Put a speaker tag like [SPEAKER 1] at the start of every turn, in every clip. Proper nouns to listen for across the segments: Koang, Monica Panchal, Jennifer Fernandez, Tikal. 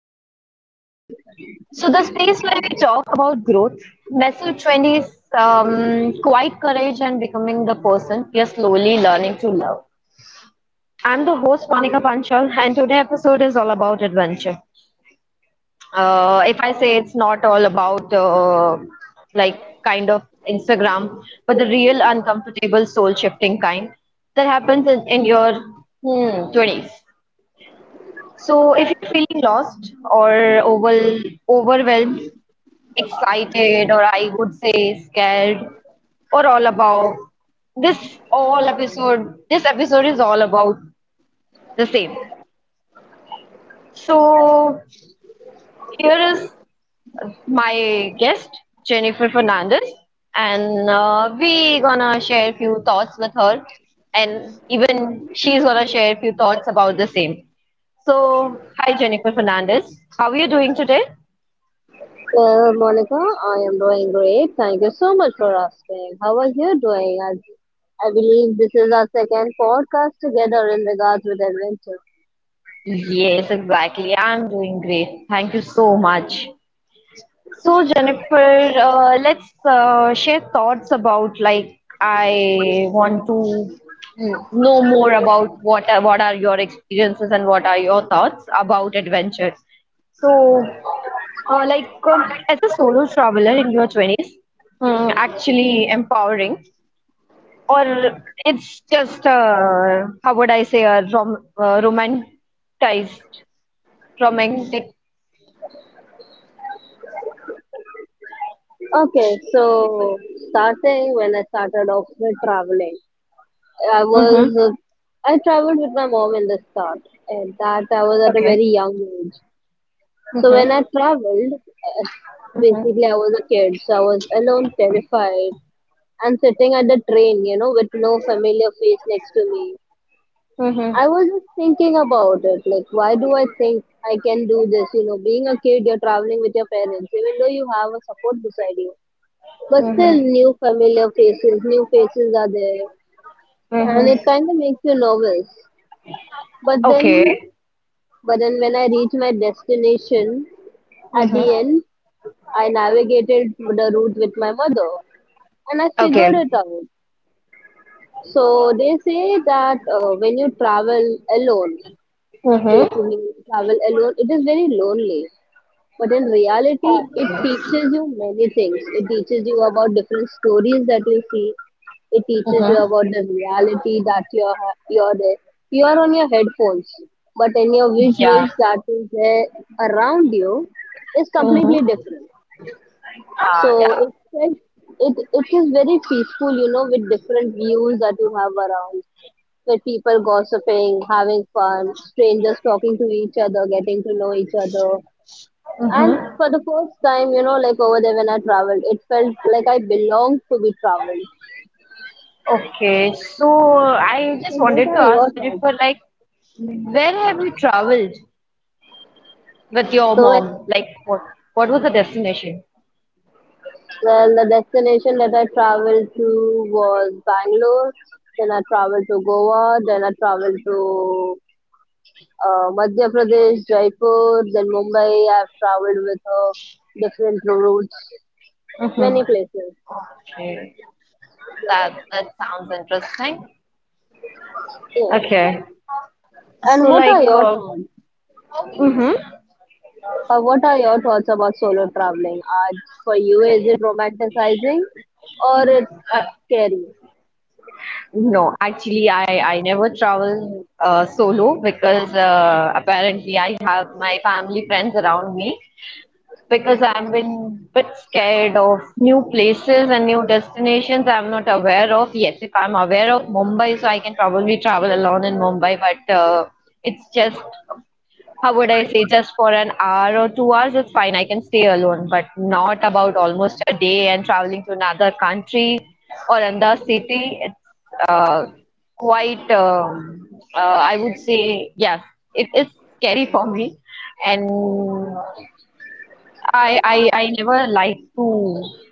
[SPEAKER 1] adventure. So, the space where we talk about growth, messy 20s, quiet courage, and becoming the person we are slowly learning to love. I'm the host, Monica Panchal, and today episode is all about adventure. If I say it's not all about like kind of Instagram, but the real uncomfortable soul shifting kind that happens in your hmm, 20s. So if you're feeling lost or overwhelmed, excited, or I would say scared, or all about this episode is all about the same. So here is my guest Jennifer Fernandez, and we gonna share few thoughts with her, and even she's gonna share few thoughts about the same. So hi Jennifer Fernandez, how are you doing today?
[SPEAKER 2] Well, Monica, I am doing great. Thank you so much for asking. How are you doing? I believe this is our second podcast together in regards with adventure.
[SPEAKER 1] Yes, exactly. I'm doing great. Thank you so much. So, Jennifer, let's share thoughts about like I want to know more about what are your experiences and what are your thoughts about adventure. So, like as a solo traveler in your 20s, actually empowering, or it's just how would I say a romanticized romantic.
[SPEAKER 2] Okay, so starting when I started off with traveling,
[SPEAKER 1] Mhm.
[SPEAKER 2] I traveled with my mom in the start, and that I was at a
[SPEAKER 1] Okay.
[SPEAKER 2] very young age. So
[SPEAKER 1] Mhm.
[SPEAKER 2] when I traveled,
[SPEAKER 1] Mhm.
[SPEAKER 2] basically I was a kid, so I was alone, terrified, and sitting at the train, you know, with no familiar face next to me.
[SPEAKER 1] Mhm.
[SPEAKER 2] I was just thinking about it. Like, why do I think I can do this? You know, being a kid, you're traveling with your parents, even though you have a support beside you. But still,
[SPEAKER 1] Mhm.
[SPEAKER 2] new familiar faces, new faces are there,
[SPEAKER 1] Mhm.
[SPEAKER 2] and it kind of makes you nervous. But then,
[SPEAKER 1] Okay.
[SPEAKER 2] but then when I reach my destination at
[SPEAKER 1] Mhm.
[SPEAKER 2] the end, I navigated the route with my mother, and I figured
[SPEAKER 1] Okay.
[SPEAKER 2] it out. So they say that when you travel alone,
[SPEAKER 1] Mhm.
[SPEAKER 2] basically you travel alone, it is very lonely. But in reality, it teaches you many things. It teaches you about different stories that you see. It teaches
[SPEAKER 1] Mhm.
[SPEAKER 2] you about the reality that you're there. You are on your headphones, but in your visuals that is there around you is completely
[SPEAKER 1] Mhm.
[SPEAKER 2] different.
[SPEAKER 1] Ah,
[SPEAKER 2] So
[SPEAKER 1] yeah.
[SPEAKER 2] it it it is very peaceful, you know, with different views that you have around. With people gossiping, having fun, strangers talking to each other, getting to know each other, and
[SPEAKER 1] Mhm.
[SPEAKER 2] for the first time, you know, like over there when I traveled, it felt like I belonged to be traveled.
[SPEAKER 1] Okay. So I
[SPEAKER 2] So
[SPEAKER 1] just
[SPEAKER 2] what
[SPEAKER 1] wanted to
[SPEAKER 2] are
[SPEAKER 1] ask
[SPEAKER 2] your thoughts?
[SPEAKER 1] Jennifer, like, where have you traveled with your
[SPEAKER 2] So well,
[SPEAKER 1] mom? Like, what was the destination?
[SPEAKER 2] well, the destination that I traveled to was Bangalore. Then I traveled to Goa. Then I traveled to Madhya Pradesh, Jaipur. Then Mumbai. I've traveled with different routes,
[SPEAKER 1] Mhm.
[SPEAKER 2] many places.
[SPEAKER 1] Okay. That sounds interesting. Okay,
[SPEAKER 2] Yes.
[SPEAKER 1] so
[SPEAKER 2] And what are
[SPEAKER 1] like,
[SPEAKER 2] your thoughts?
[SPEAKER 1] mhm.
[SPEAKER 2] What are your thoughts about solo traveling? For you, is it romanticizing or it's scary?
[SPEAKER 1] No, actually, I never travel solo because apparently I have my family friends around me. Because I'm been bit scared of new places and new destinations I'm not aware of. Yes, if I'm aware of Mumbai, so I can probably travel alone in Mumbai, but it's just how would I say, just for an hour or 2 hours, it's fine. I can stay alone, but not about almost a day and traveling to another country or another city. It's uh, quite, I would say, yes, it is scary for me. And I never like to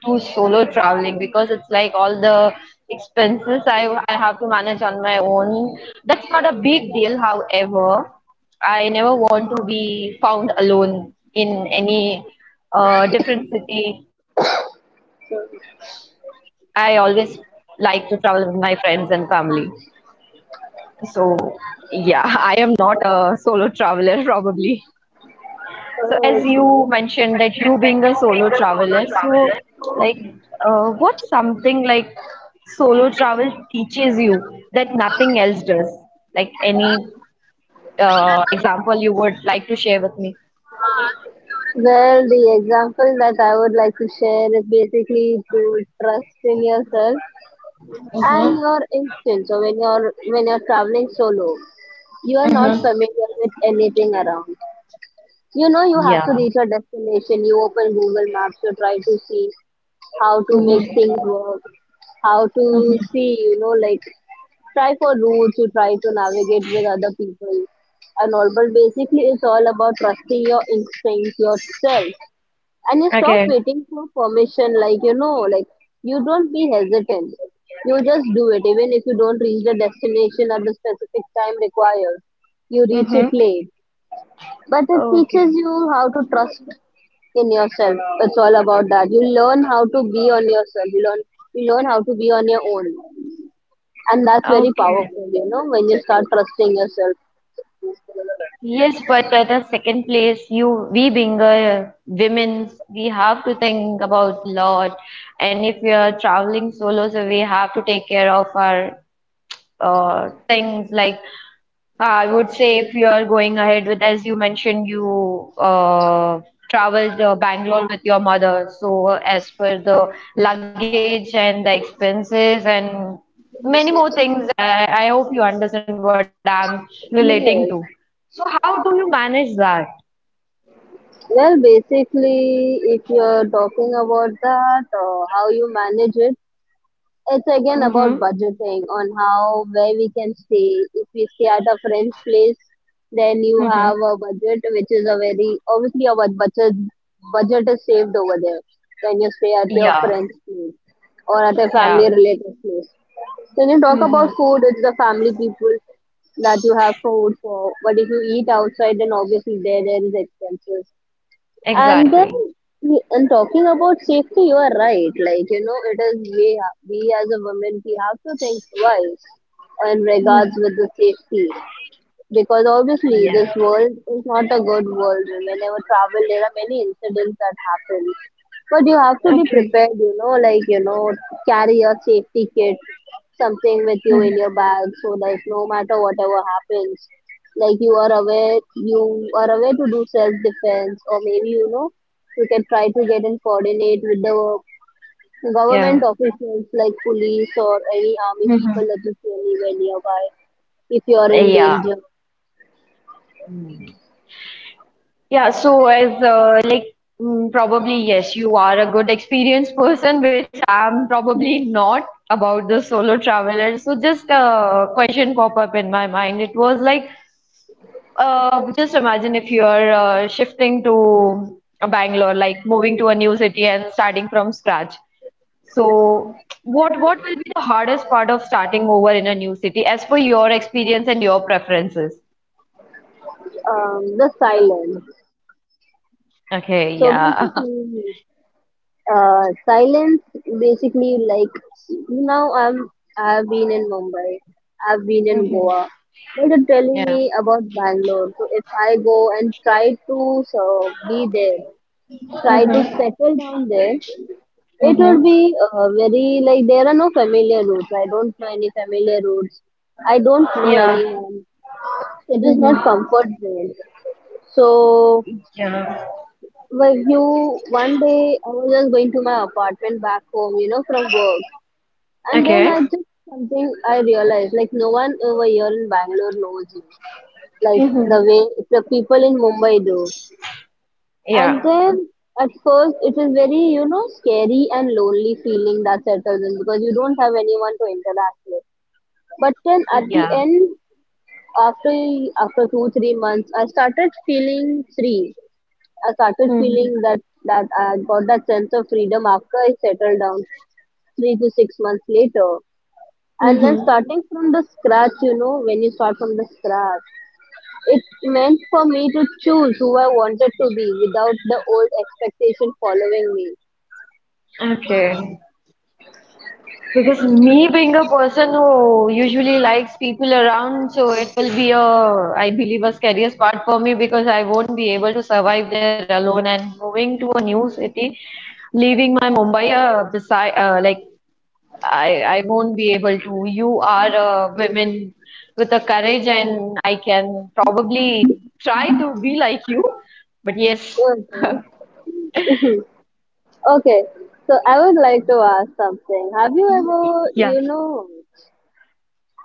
[SPEAKER 1] do solo traveling because it's like all the expenses I have to manage on my own. That's not a big deal, however. I never want to be found alone in any different city.
[SPEAKER 2] So,
[SPEAKER 1] I always like to travel with my friends and family. So yeah, I am not a solo traveler probably. So as
[SPEAKER 2] oh,
[SPEAKER 1] you
[SPEAKER 2] okay.
[SPEAKER 1] mentioned that you being a solo traveler, so like what's something like solo travel teaches you that nothing else does? Like any example you would like to share with me?
[SPEAKER 2] Well, the example that I would like to share is basically to trust in yourself and your instincts. So when you're traveling solo, you are not familiar with anything around. You know, you have
[SPEAKER 1] Yeah.
[SPEAKER 2] to reach your destination. You open Google Maps, you try to see how to make
[SPEAKER 1] Hmm.
[SPEAKER 2] things work, how
[SPEAKER 1] Mhm.
[SPEAKER 2] to see, you know, like try for routes, you try to navigate with other people and all. But basically, it's all about trusting your instincts yourself. And you stop
[SPEAKER 1] Okay.
[SPEAKER 2] waiting for permission, like, you know, like you don't be hesitant. You just do it, even if you don't reach the destination at the specific time required. You reach
[SPEAKER 1] Mm-hmm.
[SPEAKER 2] it late, but it teaches
[SPEAKER 1] Okay.
[SPEAKER 2] you how to trust in yourself. It's all about that. You learn how to be on yourself. You learn how to be on your own. And that's very
[SPEAKER 1] Okay.
[SPEAKER 2] powerful, you know, when you start trusting yourself.
[SPEAKER 1] Yes, but at a second place, you we being a women, we have to think about lot, and if we are traveling solo, so we have to take care of our things like I would say if you are going ahead with, as you mentioned, you traveled Bangalore with your mother. So as per the luggage and the expenses and many more things, I hope you understand what I'm relating to. So
[SPEAKER 2] Yes.
[SPEAKER 1] how do you manage that?
[SPEAKER 2] Well, basically, if you're talking about that, how you manage it, it's again
[SPEAKER 1] Mm-hmm.
[SPEAKER 2] about budgeting on how where we can stay if we stay at a friend's place, then you
[SPEAKER 1] Mm-hmm.
[SPEAKER 2] have a budget which is a very obviously our budget is saved over there when you stay at your
[SPEAKER 1] Yeah.
[SPEAKER 2] friend's place or at a
[SPEAKER 1] Yeah.
[SPEAKER 2] family related place. When you talk
[SPEAKER 1] Mm-hmm.
[SPEAKER 2] about food, it's the family people that you have food for, but if you eat outside, then obviously there is expenses. and then,
[SPEAKER 1] Exactly.
[SPEAKER 2] and talking about safety, you are right. Like, you know, it is we as a woman, we have to think twice in regards
[SPEAKER 1] Mhm.
[SPEAKER 2] with the safety, because obviously this
[SPEAKER 1] Yeah.
[SPEAKER 2] world is not a good world. Whenever you travel, there are many incidents that happen. But you have to be
[SPEAKER 1] Okay.
[SPEAKER 2] prepared, you know, like, you know, carry your safety kit, something with you
[SPEAKER 1] Mhm.
[SPEAKER 2] in your bag, so like no matter whatever happens, like you are aware to do self-defense, or maybe, you know, you can try to get and coordinate with the
[SPEAKER 1] Yeah.
[SPEAKER 2] government officials like police or any army
[SPEAKER 1] Hmm.
[SPEAKER 2] people that you see anywhere nearby if you are in
[SPEAKER 1] Yeah.
[SPEAKER 2] danger.
[SPEAKER 1] Yeah, so as like probably yes, you are a good experienced person, which I'm probably not about the solo traveler. So just a question pop up in my mind. It was like just imagine if you're shifting to Bangalore, like moving to a new city and starting from scratch. So what will be the hardest part of starting over in a new city, as per your experience and your preferences?
[SPEAKER 2] The silence.
[SPEAKER 1] Okay,
[SPEAKER 2] So
[SPEAKER 1] yeah.
[SPEAKER 2] basically, silence, basically like now I've been in Mumbai, I've been
[SPEAKER 1] Hmm.
[SPEAKER 2] in Goa, but you're telling
[SPEAKER 1] Yeah.
[SPEAKER 2] me about Bangalore. So if I go and try to so be there, try to settle down there, it
[SPEAKER 1] Mm-hmm.
[SPEAKER 2] would be very like there are no familiar routes. I don't know any familiar routes. I don't know
[SPEAKER 1] Yeah.
[SPEAKER 2] anyone. It is
[SPEAKER 1] Mm-hmm.
[SPEAKER 2] not comfort zone. So
[SPEAKER 1] Yeah.
[SPEAKER 2] like, you, one day I was just going to my apartment back home, you know, from work, and then
[SPEAKER 1] Okay.
[SPEAKER 2] I just something I realized like no one over here in Bangalore knows me, like the
[SPEAKER 1] Mm-hmm.
[SPEAKER 2] way the people in Mumbai do. And
[SPEAKER 1] Yeah.
[SPEAKER 2] then at first it is very, you know, scary and lonely feeling that settles in because you don't have anyone to interact with. But then at the
[SPEAKER 1] Yeah.
[SPEAKER 2] end, after after 2 3 months, I started
[SPEAKER 1] Mm-hmm.
[SPEAKER 2] feeling that that I got that sense of freedom after I settled down 3 to 6 months later. And then
[SPEAKER 1] Mm-hmm.
[SPEAKER 2] starting from the scratch, you know, when you start from the scratch, it meant for me to choose who I wanted to be without the old expectation following me.
[SPEAKER 1] Okay. Because me being a person who usually likes people around, so it will be a, I believe, a scariest part for me because I won't be able to survive there alone. And moving to a new city, leaving my Mumbai beside, like I won't be able to. You are a woman with a courage, and I can probably try to be like you. But yes,
[SPEAKER 2] Okay, Okay, so I would like to ask something. Have you ever,
[SPEAKER 1] yeah,
[SPEAKER 2] you know,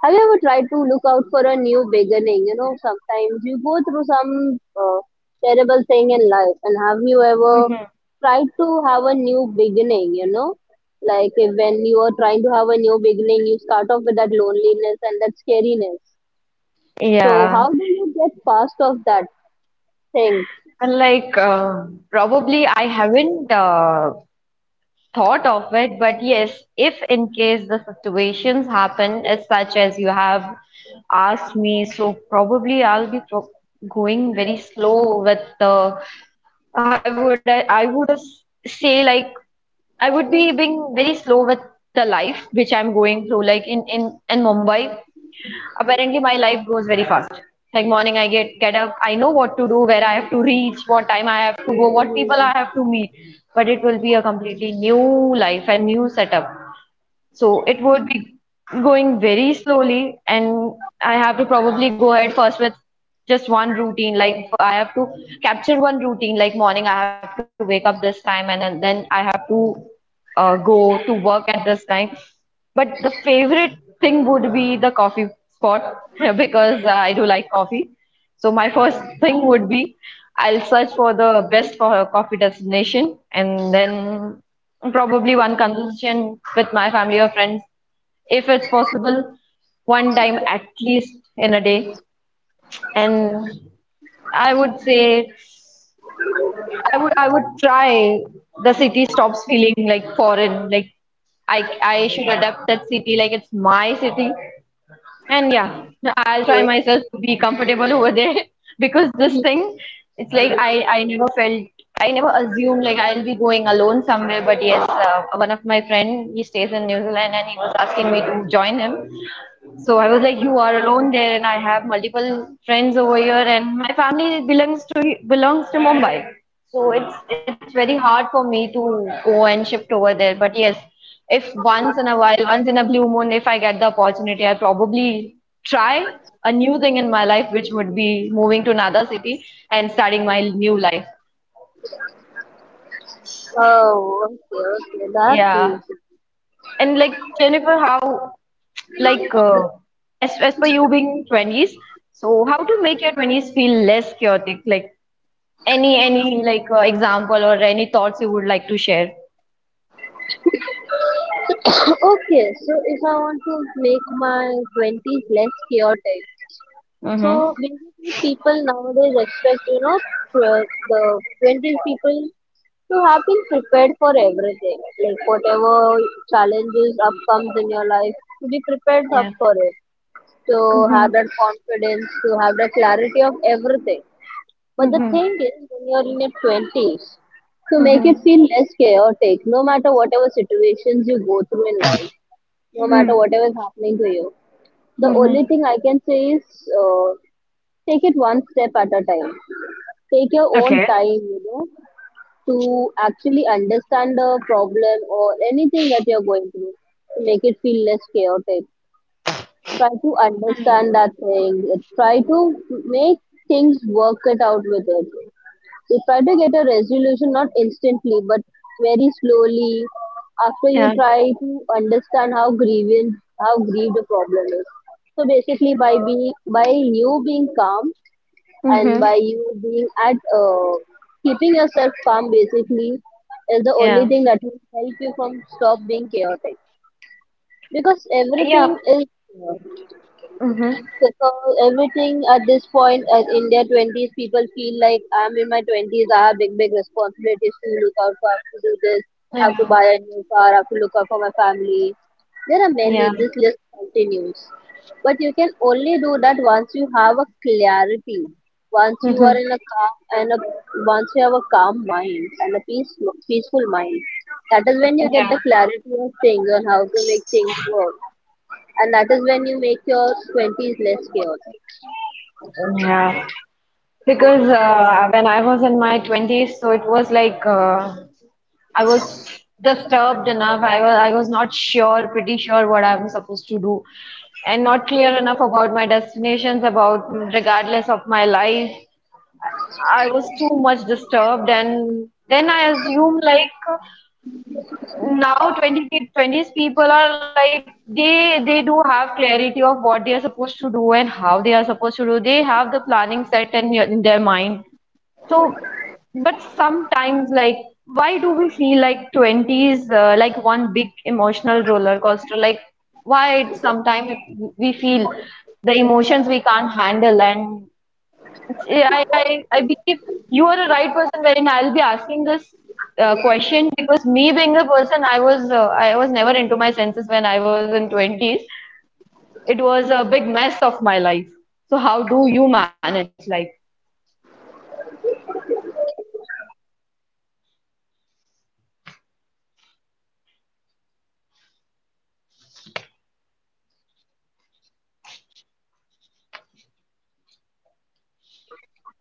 [SPEAKER 2] have you ever tried to look out for a new beginning? You know, sometimes you go through some terrible thing in life, and have you ever tried to have a new beginning? You know, like if when you are trying to have a new beginning, you start off with that loneliness and that scariness. So, how
[SPEAKER 1] yeah.
[SPEAKER 2] do you get past of that thing?
[SPEAKER 1] And like probably I haven't thought of it, but yes, if in case the situations happen as such as you have asked me, so probably I'll be pro going very slow with the I would s- say like I would be being very slow with the life which I'm going through like in Mumbai, apparently my life goes very fast. Like morning I get up, I know what to do, where I have to reach, what time I have to go, what people I
[SPEAKER 2] Mhm.
[SPEAKER 1] have to meet. But it will be a completely new life and new setup, so it would be going very slowly, and I have to probably go ahead first with just one routine. Like I have to capture one routine, like morning I have to wake up this time, and then I have to go to work at this time. But the favorite thing would be the coffee spot because I do like coffee. So my first thing would be I'll search for the best coffee destination, and then probably one conversation with my family or friends if it's possible, one time at least in a day. And I would say I would try the city stops feeling like foreign, like I should adapt that city like it's my city. And yeah, I'll try myself to be comfortable over there because this
[SPEAKER 2] Okay.
[SPEAKER 1] thing, it's like I never felt, I never assumed like I'll be going alone somewhere. But yes, one of my friend, he stays in New Zealand and he was asking me to join him. So I was like, you are alone there, and I have multiple friends over here, and my family belongs to Mumbai. So it's very hard for me to go and shift over there. But yes, if once in a while, once in a blue moon, if I get the opportunity, I probably try a new thing in my life, which would be moving to another city and starting my new life.
[SPEAKER 2] Oh, okay, that's
[SPEAKER 1] Yeah.
[SPEAKER 2] easy.
[SPEAKER 1] And like Jennifer, how like as per you being 20s, so how to make your 20s feel less chaotic? Like any like example or any thoughts you would like to share.
[SPEAKER 2] Okay, so if I want to make my 20s less chaotic,
[SPEAKER 1] Mm-hmm.
[SPEAKER 2] so basically, people nowadays expect, you know, uh, the twenty people to have been prepared for everything, like whatever challenges up comes in your life, to be prepared up
[SPEAKER 1] Yeah.
[SPEAKER 2] for it, to
[SPEAKER 1] Mm-hmm.
[SPEAKER 2] have that confidence, to have that clarity of everything. But the
[SPEAKER 1] Mm-hmm.
[SPEAKER 2] thing is, when you're in your twenties, to make it
[SPEAKER 1] Mm-hmm.
[SPEAKER 2] feel less chaotic, no matter whatever situations you go through in life, no matter
[SPEAKER 1] Mm-hmm.
[SPEAKER 2] whatever is happening to you. The only
[SPEAKER 1] Mm-hmm.
[SPEAKER 2] thing I can say is uh, take it one step at a time. Take your own
[SPEAKER 1] Okay.
[SPEAKER 2] time, you know, to actually understand the problem or anything that you're going through to make it feel less chaotic. Try to understand that thing. Try to make things work it out with it. You try to get a resolution not instantly but very slowly after you
[SPEAKER 1] Yeah.
[SPEAKER 2] try to understand how grieved the problem is. So basically by you being calm and
[SPEAKER 1] Mm-hmm.
[SPEAKER 2] by you being at keeping yourself calm basically is the
[SPEAKER 1] Yeah.
[SPEAKER 2] only thing that will help you from stop being chaotic, because
[SPEAKER 1] Yeah.
[SPEAKER 2] everything is uh,
[SPEAKER 1] Mm-hmm.
[SPEAKER 2] because everything at this point at in their twenties, people feel like I'm in my twenties. I have big, big responsibilities to look out for. I have to do this. I have to buy
[SPEAKER 1] Yeah.
[SPEAKER 2] a new car. I have to look out for my family. There are many.
[SPEAKER 1] Yeah.
[SPEAKER 2] This list continues. But you can only do that once you have a clarity. Once you are
[SPEAKER 1] Mm-hmm.
[SPEAKER 2] in a calm and a once you have a calm mind and a peaceful mind. That is when you get the
[SPEAKER 1] Yeah.
[SPEAKER 2] clarity of things on how to make things work. And that is when you make your 20s less chaotic.
[SPEAKER 1] Yeah, because when I was in my 20s, so it was like I was disturbed enough. I was not sure, pretty sure what I'm supposed to do, and not clear enough about my destinations, about regardless of my life. I was too much disturbed, and then I assume like now 20 people are like they do have clarity of what they are supposed to do and how they are supposed to do. They have the planning set in, in their mind. So, but sometimes, like, why do we feel like 20s, like one big emotional roller coaster? Like, why it's sometimes we feel the emotions we can't handle? And I believe you are a right person wherein I'll be asking this question, because me being a person, I was never into my senses when I was in 20s. It was a big mess of my life. So, how do you manage? Like,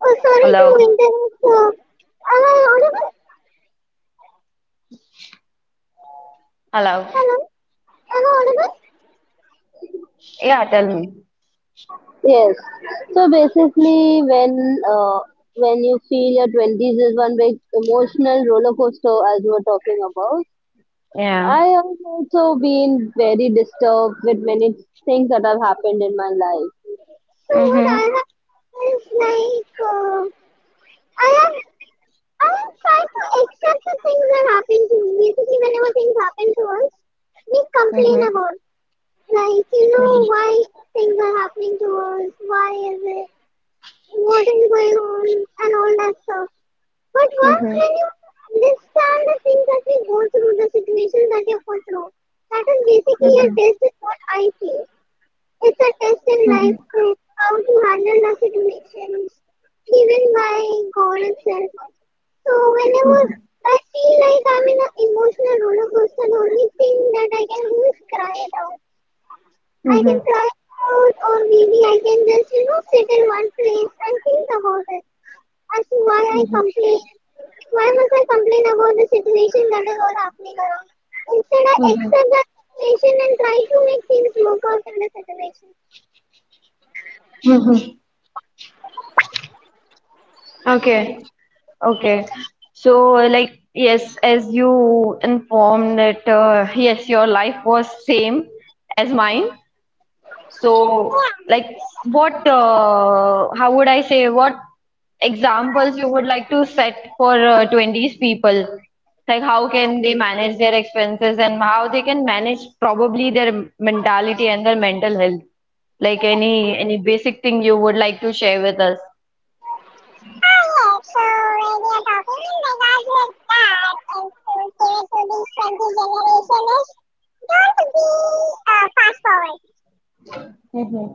[SPEAKER 2] Oh, sorry to
[SPEAKER 1] hello,
[SPEAKER 2] interrupt. Am I audible?
[SPEAKER 1] hello.
[SPEAKER 2] Hello? Am I audible?
[SPEAKER 1] Yeah, tell me.
[SPEAKER 2] Yes. So basically, when you feel your twenties is one big emotional roller coaster, as you were talking about.
[SPEAKER 1] Yeah.
[SPEAKER 2] I have also been very disturbed with many things that have happened in my life. So what
[SPEAKER 1] Mm-hmm.
[SPEAKER 2] I have is I have I have tried to accept the things that happen to me. Basically, whenever things happen to us, we
[SPEAKER 1] Mm-hmm.
[SPEAKER 2] complain about, like, you know, why things are happening to us, why is it, what is going on, and all that stuff. But
[SPEAKER 1] Mm-hmm.
[SPEAKER 2] once when you understand the things that we go through, the situation that you go through, that is basically
[SPEAKER 1] Mm-hmm.
[SPEAKER 2] your best is what I feel. It's a test in
[SPEAKER 1] Mm-hmm. Mm-hmm.
[SPEAKER 2] life proof how to handle the situations given by God itself. So whenever
[SPEAKER 1] Mm-hmm.
[SPEAKER 2] I feel like I'm in an emotional roller coaster, the only thing that I can do is cry it out.
[SPEAKER 1] Mm-hmm.
[SPEAKER 2] I
[SPEAKER 1] Mm-hmm.
[SPEAKER 2] can
[SPEAKER 1] Mm-hmm.
[SPEAKER 2] cry it out, or maybe I can just, you know, sit in one place and think about it as to why
[SPEAKER 1] Mm-hmm.
[SPEAKER 2] I
[SPEAKER 1] Mm-hmm. Mm-hmm.
[SPEAKER 2] complain. Why must I complain about the situation that is all happening around? Instead, I
[SPEAKER 1] Mm-hmm.
[SPEAKER 2] accept that situation and try to make things work out in the situation.
[SPEAKER 1] Mm-hmm. Mm-hmm. Okay. Okay. So, like, yes, as you informed that, yes, your life was same as mine. So,
[SPEAKER 2] Alright,
[SPEAKER 1] like, how would I say, what examples you would like to set for 20s people? Like, how can they manage their expenses and how they can manage probably their mentality and their mental health? Like, any basic thing you would like to share with us?
[SPEAKER 2] so radio talking, the that is to give to this 20 generation, don't be fast forward.
[SPEAKER 1] Mm-hmm.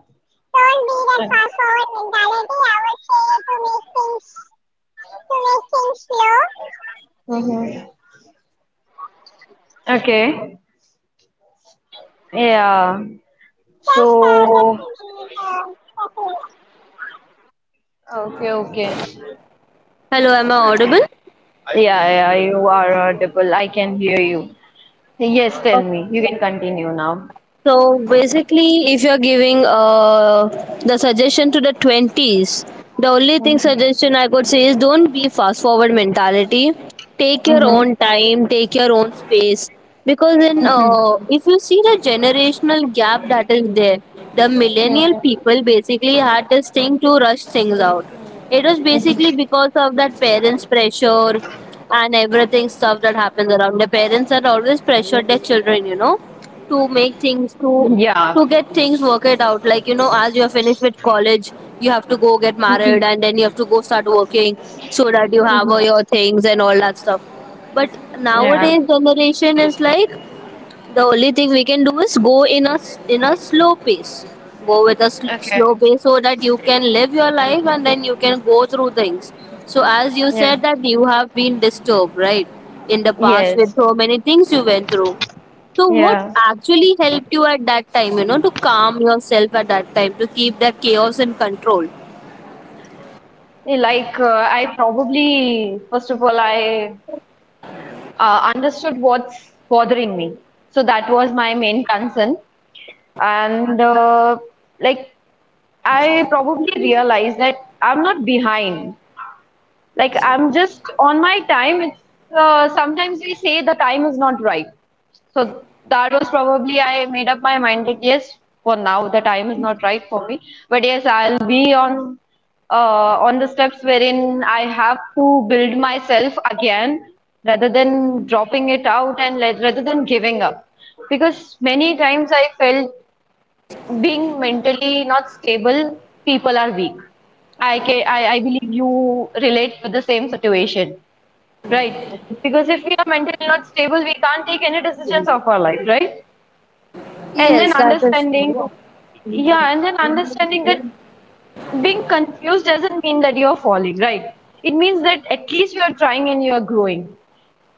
[SPEAKER 2] Don't be that fast forward mentality. I would say to make things slow.
[SPEAKER 1] Mm-hmm. Okay. Yeah. So,
[SPEAKER 2] uh, Uh,
[SPEAKER 1] okay, okay.
[SPEAKER 2] Hello, am I audible?
[SPEAKER 1] Yeah, yeah, you are audible. I can hear you. Yes, tell me. You can continue now.
[SPEAKER 2] So basically, if you're giving the suggestion to the 20s, the only thing
[SPEAKER 1] Mhm,
[SPEAKER 2] suggestion I could say is don't be fast forward mentality. Take your
[SPEAKER 1] mhm,
[SPEAKER 2] own time, take your own space. Because in
[SPEAKER 1] mhm,
[SPEAKER 2] if you see the generational gap that is there, the millennial
[SPEAKER 1] mhm,
[SPEAKER 2] people basically had this thing to rush things out. It was
[SPEAKER 1] mhm.
[SPEAKER 2] basically because of that parents' pressure and everything stuff that happens around. The parents are always pressured their children, you know, to make things
[SPEAKER 1] Yeah.
[SPEAKER 2] to get things worked out, like, you know, as you have finished with college, you have to go get
[SPEAKER 1] Mhm,
[SPEAKER 2] married and then you have to go start working, so that you have
[SPEAKER 1] mhm.
[SPEAKER 2] all your things and all that stuff. But
[SPEAKER 1] Yeah.
[SPEAKER 2] nowadays generation is like the only thing we can do is go in a slow pace. Go with a slow
[SPEAKER 1] Okay.
[SPEAKER 2] pace so that you can live your life and then you can go through things. So as you
[SPEAKER 1] Yeah.
[SPEAKER 2] said that you have been disturbed, right? In the past with
[SPEAKER 1] Yes.
[SPEAKER 2] so many things you went through. So what
[SPEAKER 1] Yeah.
[SPEAKER 2] actually helped you at that time, you know, to calm yourself at that time, to keep that chaos in control?
[SPEAKER 1] Like I probably first of all I understood what's bothering me. So that was my main concern. And like I probably realized that I'm not behind. Like I'm just on my time. It's sometimes we say the time is not right. So that was probably I made up my mind that yes, for now the time is not right for me. But yes, I'll be on the steps wherein I have to build myself again rather than dropping it out rather than giving up. Because many times I felt being mentally not stable, people are weak. I believe you relate with the same situation, right? Because if we are mentally not stable, we can't take any decisions of our life, right? And then
[SPEAKER 2] Yes, that is
[SPEAKER 1] understanding,
[SPEAKER 2] true.
[SPEAKER 1] yeah, and then understanding that being confused doesn't mean that you're falling, right? It means that at least you are trying and you are growing.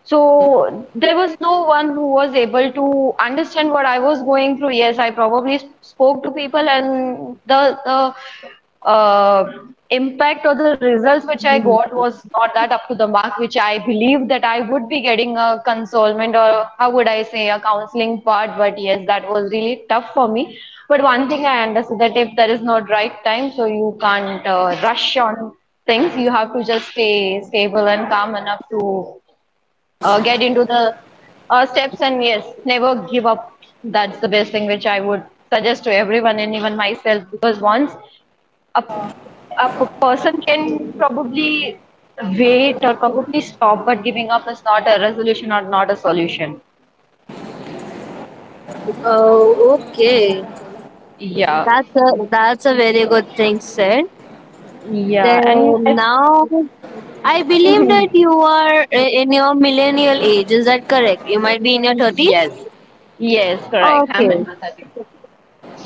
[SPEAKER 1] So there was no one who was able to understand what I was going through. Yes, I probably spoke to people, and the impact or the results which I got was not that up to the mark, which I believed that I would be getting a consolment or how would I say a counseling part. But yes, that was really tough for me. But one thing I understood that if there is not right time, so you can't rush on things. You have to just stay stable and calm enough to get into the steps, and yes, never give up. That's the best thing which I would suggest to everyone and even myself, because once a a person can probably wait or probably stop, but giving up is not a resolution or not a solution.
[SPEAKER 2] Oh, okay.
[SPEAKER 1] Yeah.
[SPEAKER 2] That's a that's a very good thing said.
[SPEAKER 1] Yeah, and
[SPEAKER 2] Then
[SPEAKER 1] I,
[SPEAKER 2] now, I believe that you are in your millennial age. Is that correct? You might be in your 30s?
[SPEAKER 1] yes, yes, correct. I'm in
[SPEAKER 2] Okay.
[SPEAKER 1] my 30s.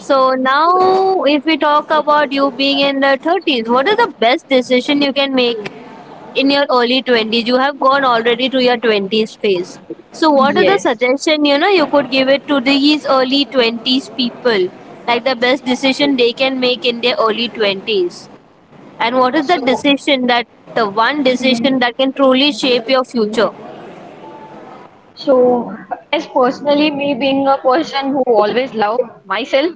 [SPEAKER 2] So now, if we talk about you being in the 30s, what is the best decision you can make in your early 20s? You have gone already to your 20s phase. So, what is the
[SPEAKER 1] Yes.
[SPEAKER 2] suggestion, you know, you could give it to these early 20s people? Like the best decision they can make in their early 20s? And what is the
[SPEAKER 1] So,
[SPEAKER 2] decision that the one decision
[SPEAKER 1] mhm.
[SPEAKER 2] that can truly shape your future?
[SPEAKER 1] So, as personally, me being a person who always love myself,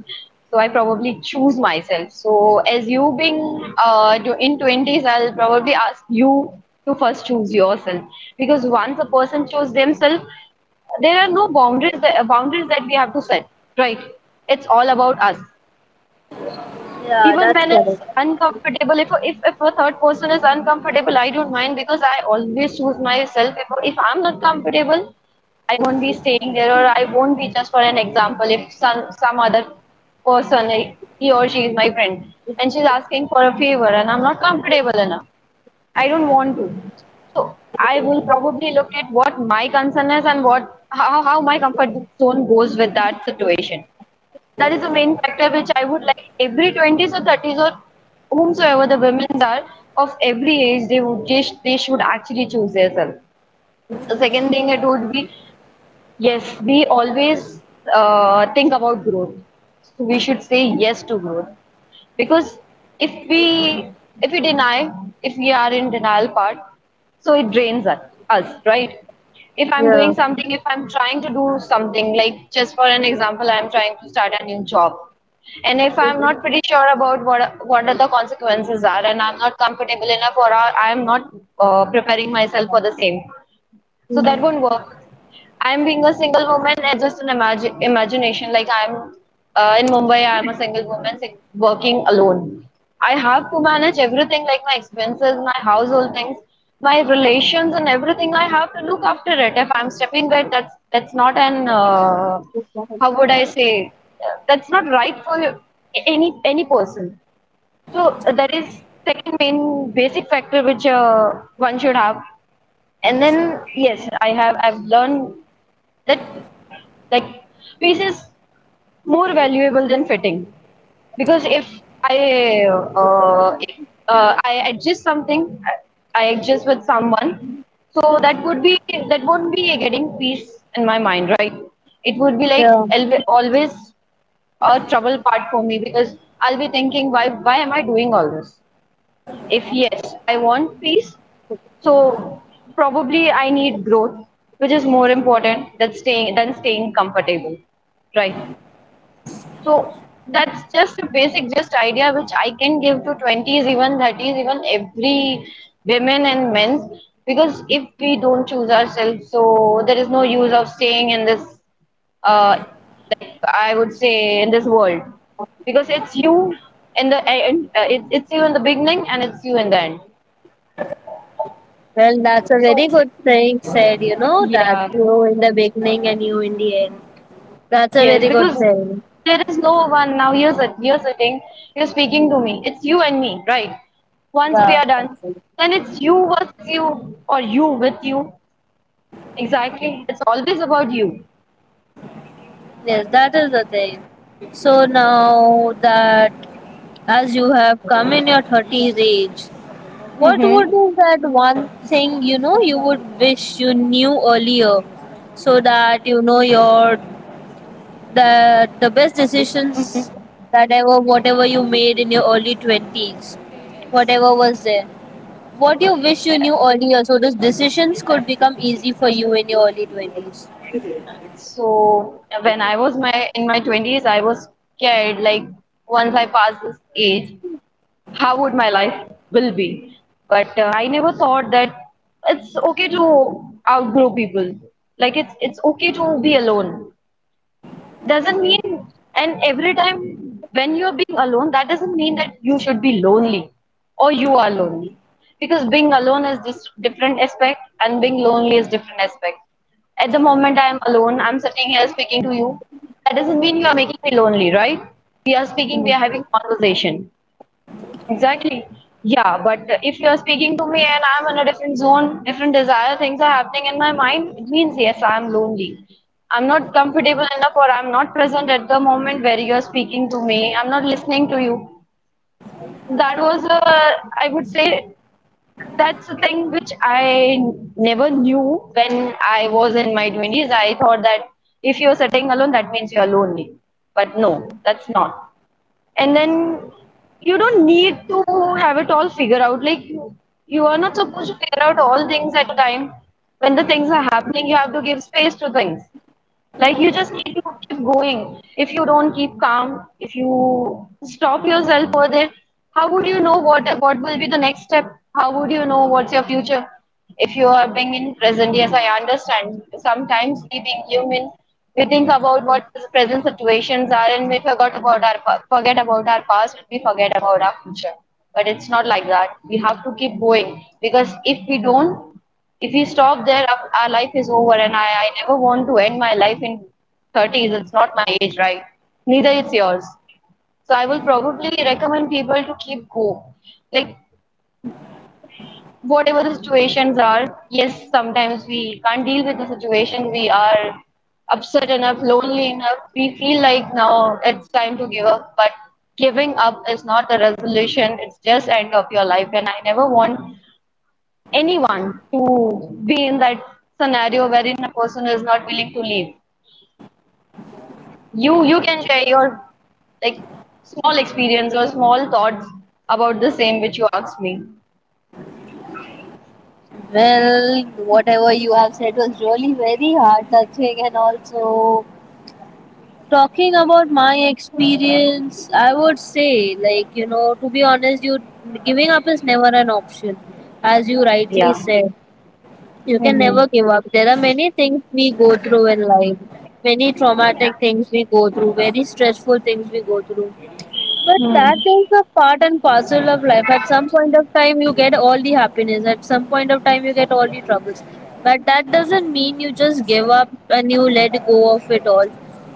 [SPEAKER 1] so I probably choose myself. So, as you being in 20s, I'll probably ask you to first choose yourself, because once a person chooses themselves, there are no boundaries that we have to set, right? It's all about us.
[SPEAKER 2] Yeah,
[SPEAKER 1] Even
[SPEAKER 2] that's
[SPEAKER 1] when it's
[SPEAKER 2] correct.
[SPEAKER 1] uncomfortable, if a third person is uncomfortable, I don't mind because I always choose myself. If I'm not comfortable, I won't be staying there, or I won't be, just for an example. If some other person, he or she is my friend, and she's asking for a favor, and I'm not comfortable enough, I don't want to. I will probably look at what my concern is and what how my comfort zone goes with that situation. That is the main factor which I would like every 20s or 30s or whomsoever the women are of every age, they would just they should actually choose themselves. The second thing it would be, yes, we always think about growth. So we should say yes to growth, because if we if we deny, if we are in denial part, so it drains us, right? If I'm
[SPEAKER 2] Yeah.
[SPEAKER 1] doing something, if I'm trying to do something, like just for an example, I'm trying to start a new job, and if I'm not pretty sure about what are the consequences are, and I'm not comfortable enough, or I'm not preparing myself for the same, so that won't work. I'm being a single woman, it's just an imagine imagination. Like I'm in Mumbai, I'm a single woman working alone. I have to manage everything like my expenses, my household things, my relations, and everything. I have to look after it. If I'm stepping back, that's not an how would I say that's not right for any person. So that is second main basic factor which one should have. And then yes, I've learned that, like, peace is more valuable than fitting, because i if, uh, i adjust something i I adjust with someone, so that won't be getting peace in my mind, right? It would be like
[SPEAKER 2] Yeah.
[SPEAKER 1] always a trouble part for me, because I'll be thinking why am I doing all this. If yes, I want peace, so probably I need growth, which is more important than staying comfortable, right? So that's just a basic just idea which I can give to 20s, even 30s, even every women and men's, because if we don't choose ourselves, so there is no use of staying in this, uh, like I would say, in this world, because it's you in the beginning and it's you in the end.
[SPEAKER 2] Well, that's a very
[SPEAKER 1] So
[SPEAKER 2] good thing said, you know, that
[SPEAKER 1] yeah,
[SPEAKER 2] you in the beginning and you in the end. That's a
[SPEAKER 1] yes,
[SPEAKER 2] very good
[SPEAKER 1] because
[SPEAKER 2] thing.
[SPEAKER 1] there is no one now. You're sitting, you're speaking to me. It's you and me, right? Once we
[SPEAKER 2] Yeah.
[SPEAKER 1] are done, then it's you versus you or you with you. Exactly, it's always about you.
[SPEAKER 2] Yes, that is the thing. So now that, as you have come in your 30s age, what would
[SPEAKER 1] Mm-hmm.
[SPEAKER 2] be that one thing, you know, you would wish you knew earlier, so that, you know, your the best decisions
[SPEAKER 1] Mm-hmm.
[SPEAKER 2] that ever whatever you made in your early 20s, whatever was there, what you wish you knew earlier, so those decisions could become easy for you in your early 20s.
[SPEAKER 1] So when I was my in my twenties, I was scared. Like, once I passed this age, how would my life will be, but I never thought that it's okay to outgrow people. Like it's okay to be alone, doesn't mean, and every time when you're being alone, that doesn't mean that you should be lonely or you are lonely, because being alone is just different aspect and being lonely is different aspect. At the moment I am alone, I'm sitting here speaking to you. That doesn't mean you are making me lonely, right? We are speaking, we are having conversation. Exactly. Yeah, but if you're speaking to me and I'm in a different zone, different desire, things are happening in my mind, it means yes, I'm lonely. I'm not comfortable enough, or I'm not present at the moment where you're speaking to me. I'm not listening to you. I would say, that's the thing which I never knew when I was in my 20s. I thought that if you're sitting alone, that means you're lonely. But no, that's not, and then you don't need to have it all figured out. Like you are not supposed to figure out all things at a time. When the things are happening, you have to give space to things. Like, you just need to keep going. If you don't keep calm, if you stop yourself for there, how would you know what will be the next step? How would you know what's your future? If you are being in present, yes, I understand. Sometimes we being human, we think about what the present situations are, and we forgot about our pa- forget about our past, and we forget about our future. But it's not like that. We have to keep going, because if we don't, if we stop there, our life is over, and I never want to end my life in 30s. It's not my age, right? Neither it's yours. So I will probably recommend people to keep going. Like, whatever the situations are, yes, sometimes we can't deal with the situation. We are upset enough, lonely enough. We feel like now it's time to give up, but giving up is not the resolution. It's just end of your life, and I never want anyone to be in that scenario wherein a person is not willing to leave. You can share your, like, small experience or small thoughts about the same which you asked me.
[SPEAKER 2] Well, whatever you have said was really very heart touching, and also talking about my experience, I would say, like, you know, to be honest, you giving up is never an option. As you
[SPEAKER 1] Yeah.
[SPEAKER 2] rightly said, you can
[SPEAKER 1] Hmm.
[SPEAKER 2] never give up. There are many things we go through in life, many traumatic things we go through, very stressful things we go through. But
[SPEAKER 1] Hmm.
[SPEAKER 2] that is a part and parcel of life. At some point of time, you get all the happiness. At some point of time, you get all the troubles. But that doesn't mean you just give up and you let go of it all.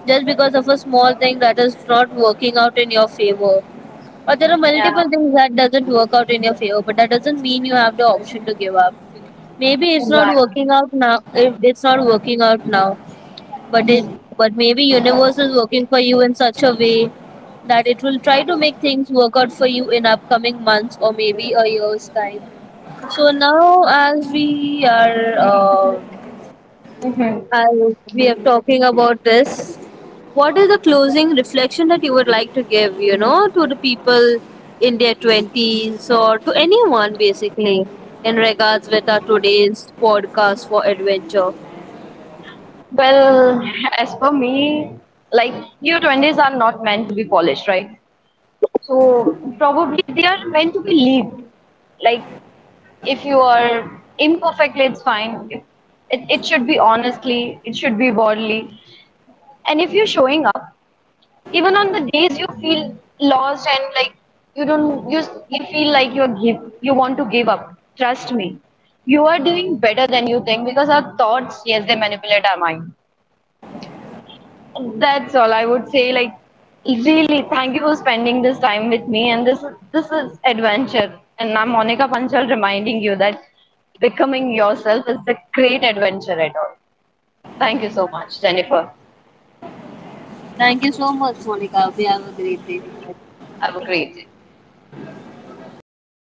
[SPEAKER 2] Just because of a small thing that is not working out in your favor, or there are
[SPEAKER 1] Yeah,
[SPEAKER 2] multiple things that doesn't work out in your favor, but that doesn't mean you have the option to give up. Maybe it's not
[SPEAKER 1] exactly.
[SPEAKER 2] working out now. If it's not working out now, but it
[SPEAKER 1] Hmm.
[SPEAKER 2] but maybe universe is working for you in such a way that it will try to make things work out for you in upcoming months or maybe a year's time. So now,
[SPEAKER 1] Hmm.
[SPEAKER 2] as we are talking about this, what is the closing reflection that you would like to give, you know, to the people in their 20s or to anyone basically in regards with our today's podcast for adventure?
[SPEAKER 1] Well, as for me, like, your 20s are not meant to be polished, right? So probably they are meant to be lived. Like, if you are imperfectly it's fine. It should be honestly, it should be boldly. And if you're showing up even on the days you feel lost and like you don't you, s- you feel like you want to give up, trust me, you are doing better than you think, because our thoughts, yes, they manipulate our mind. That's all I would say. Like, really, thank you for spending this time with me. And this is adventure. And I'm Monica Panchal reminding you that becoming yourself is a great adventure at all. Thank you so much, Jennifer.
[SPEAKER 2] Thank you so much, Monica. We have a great day.
[SPEAKER 1] Have a great day.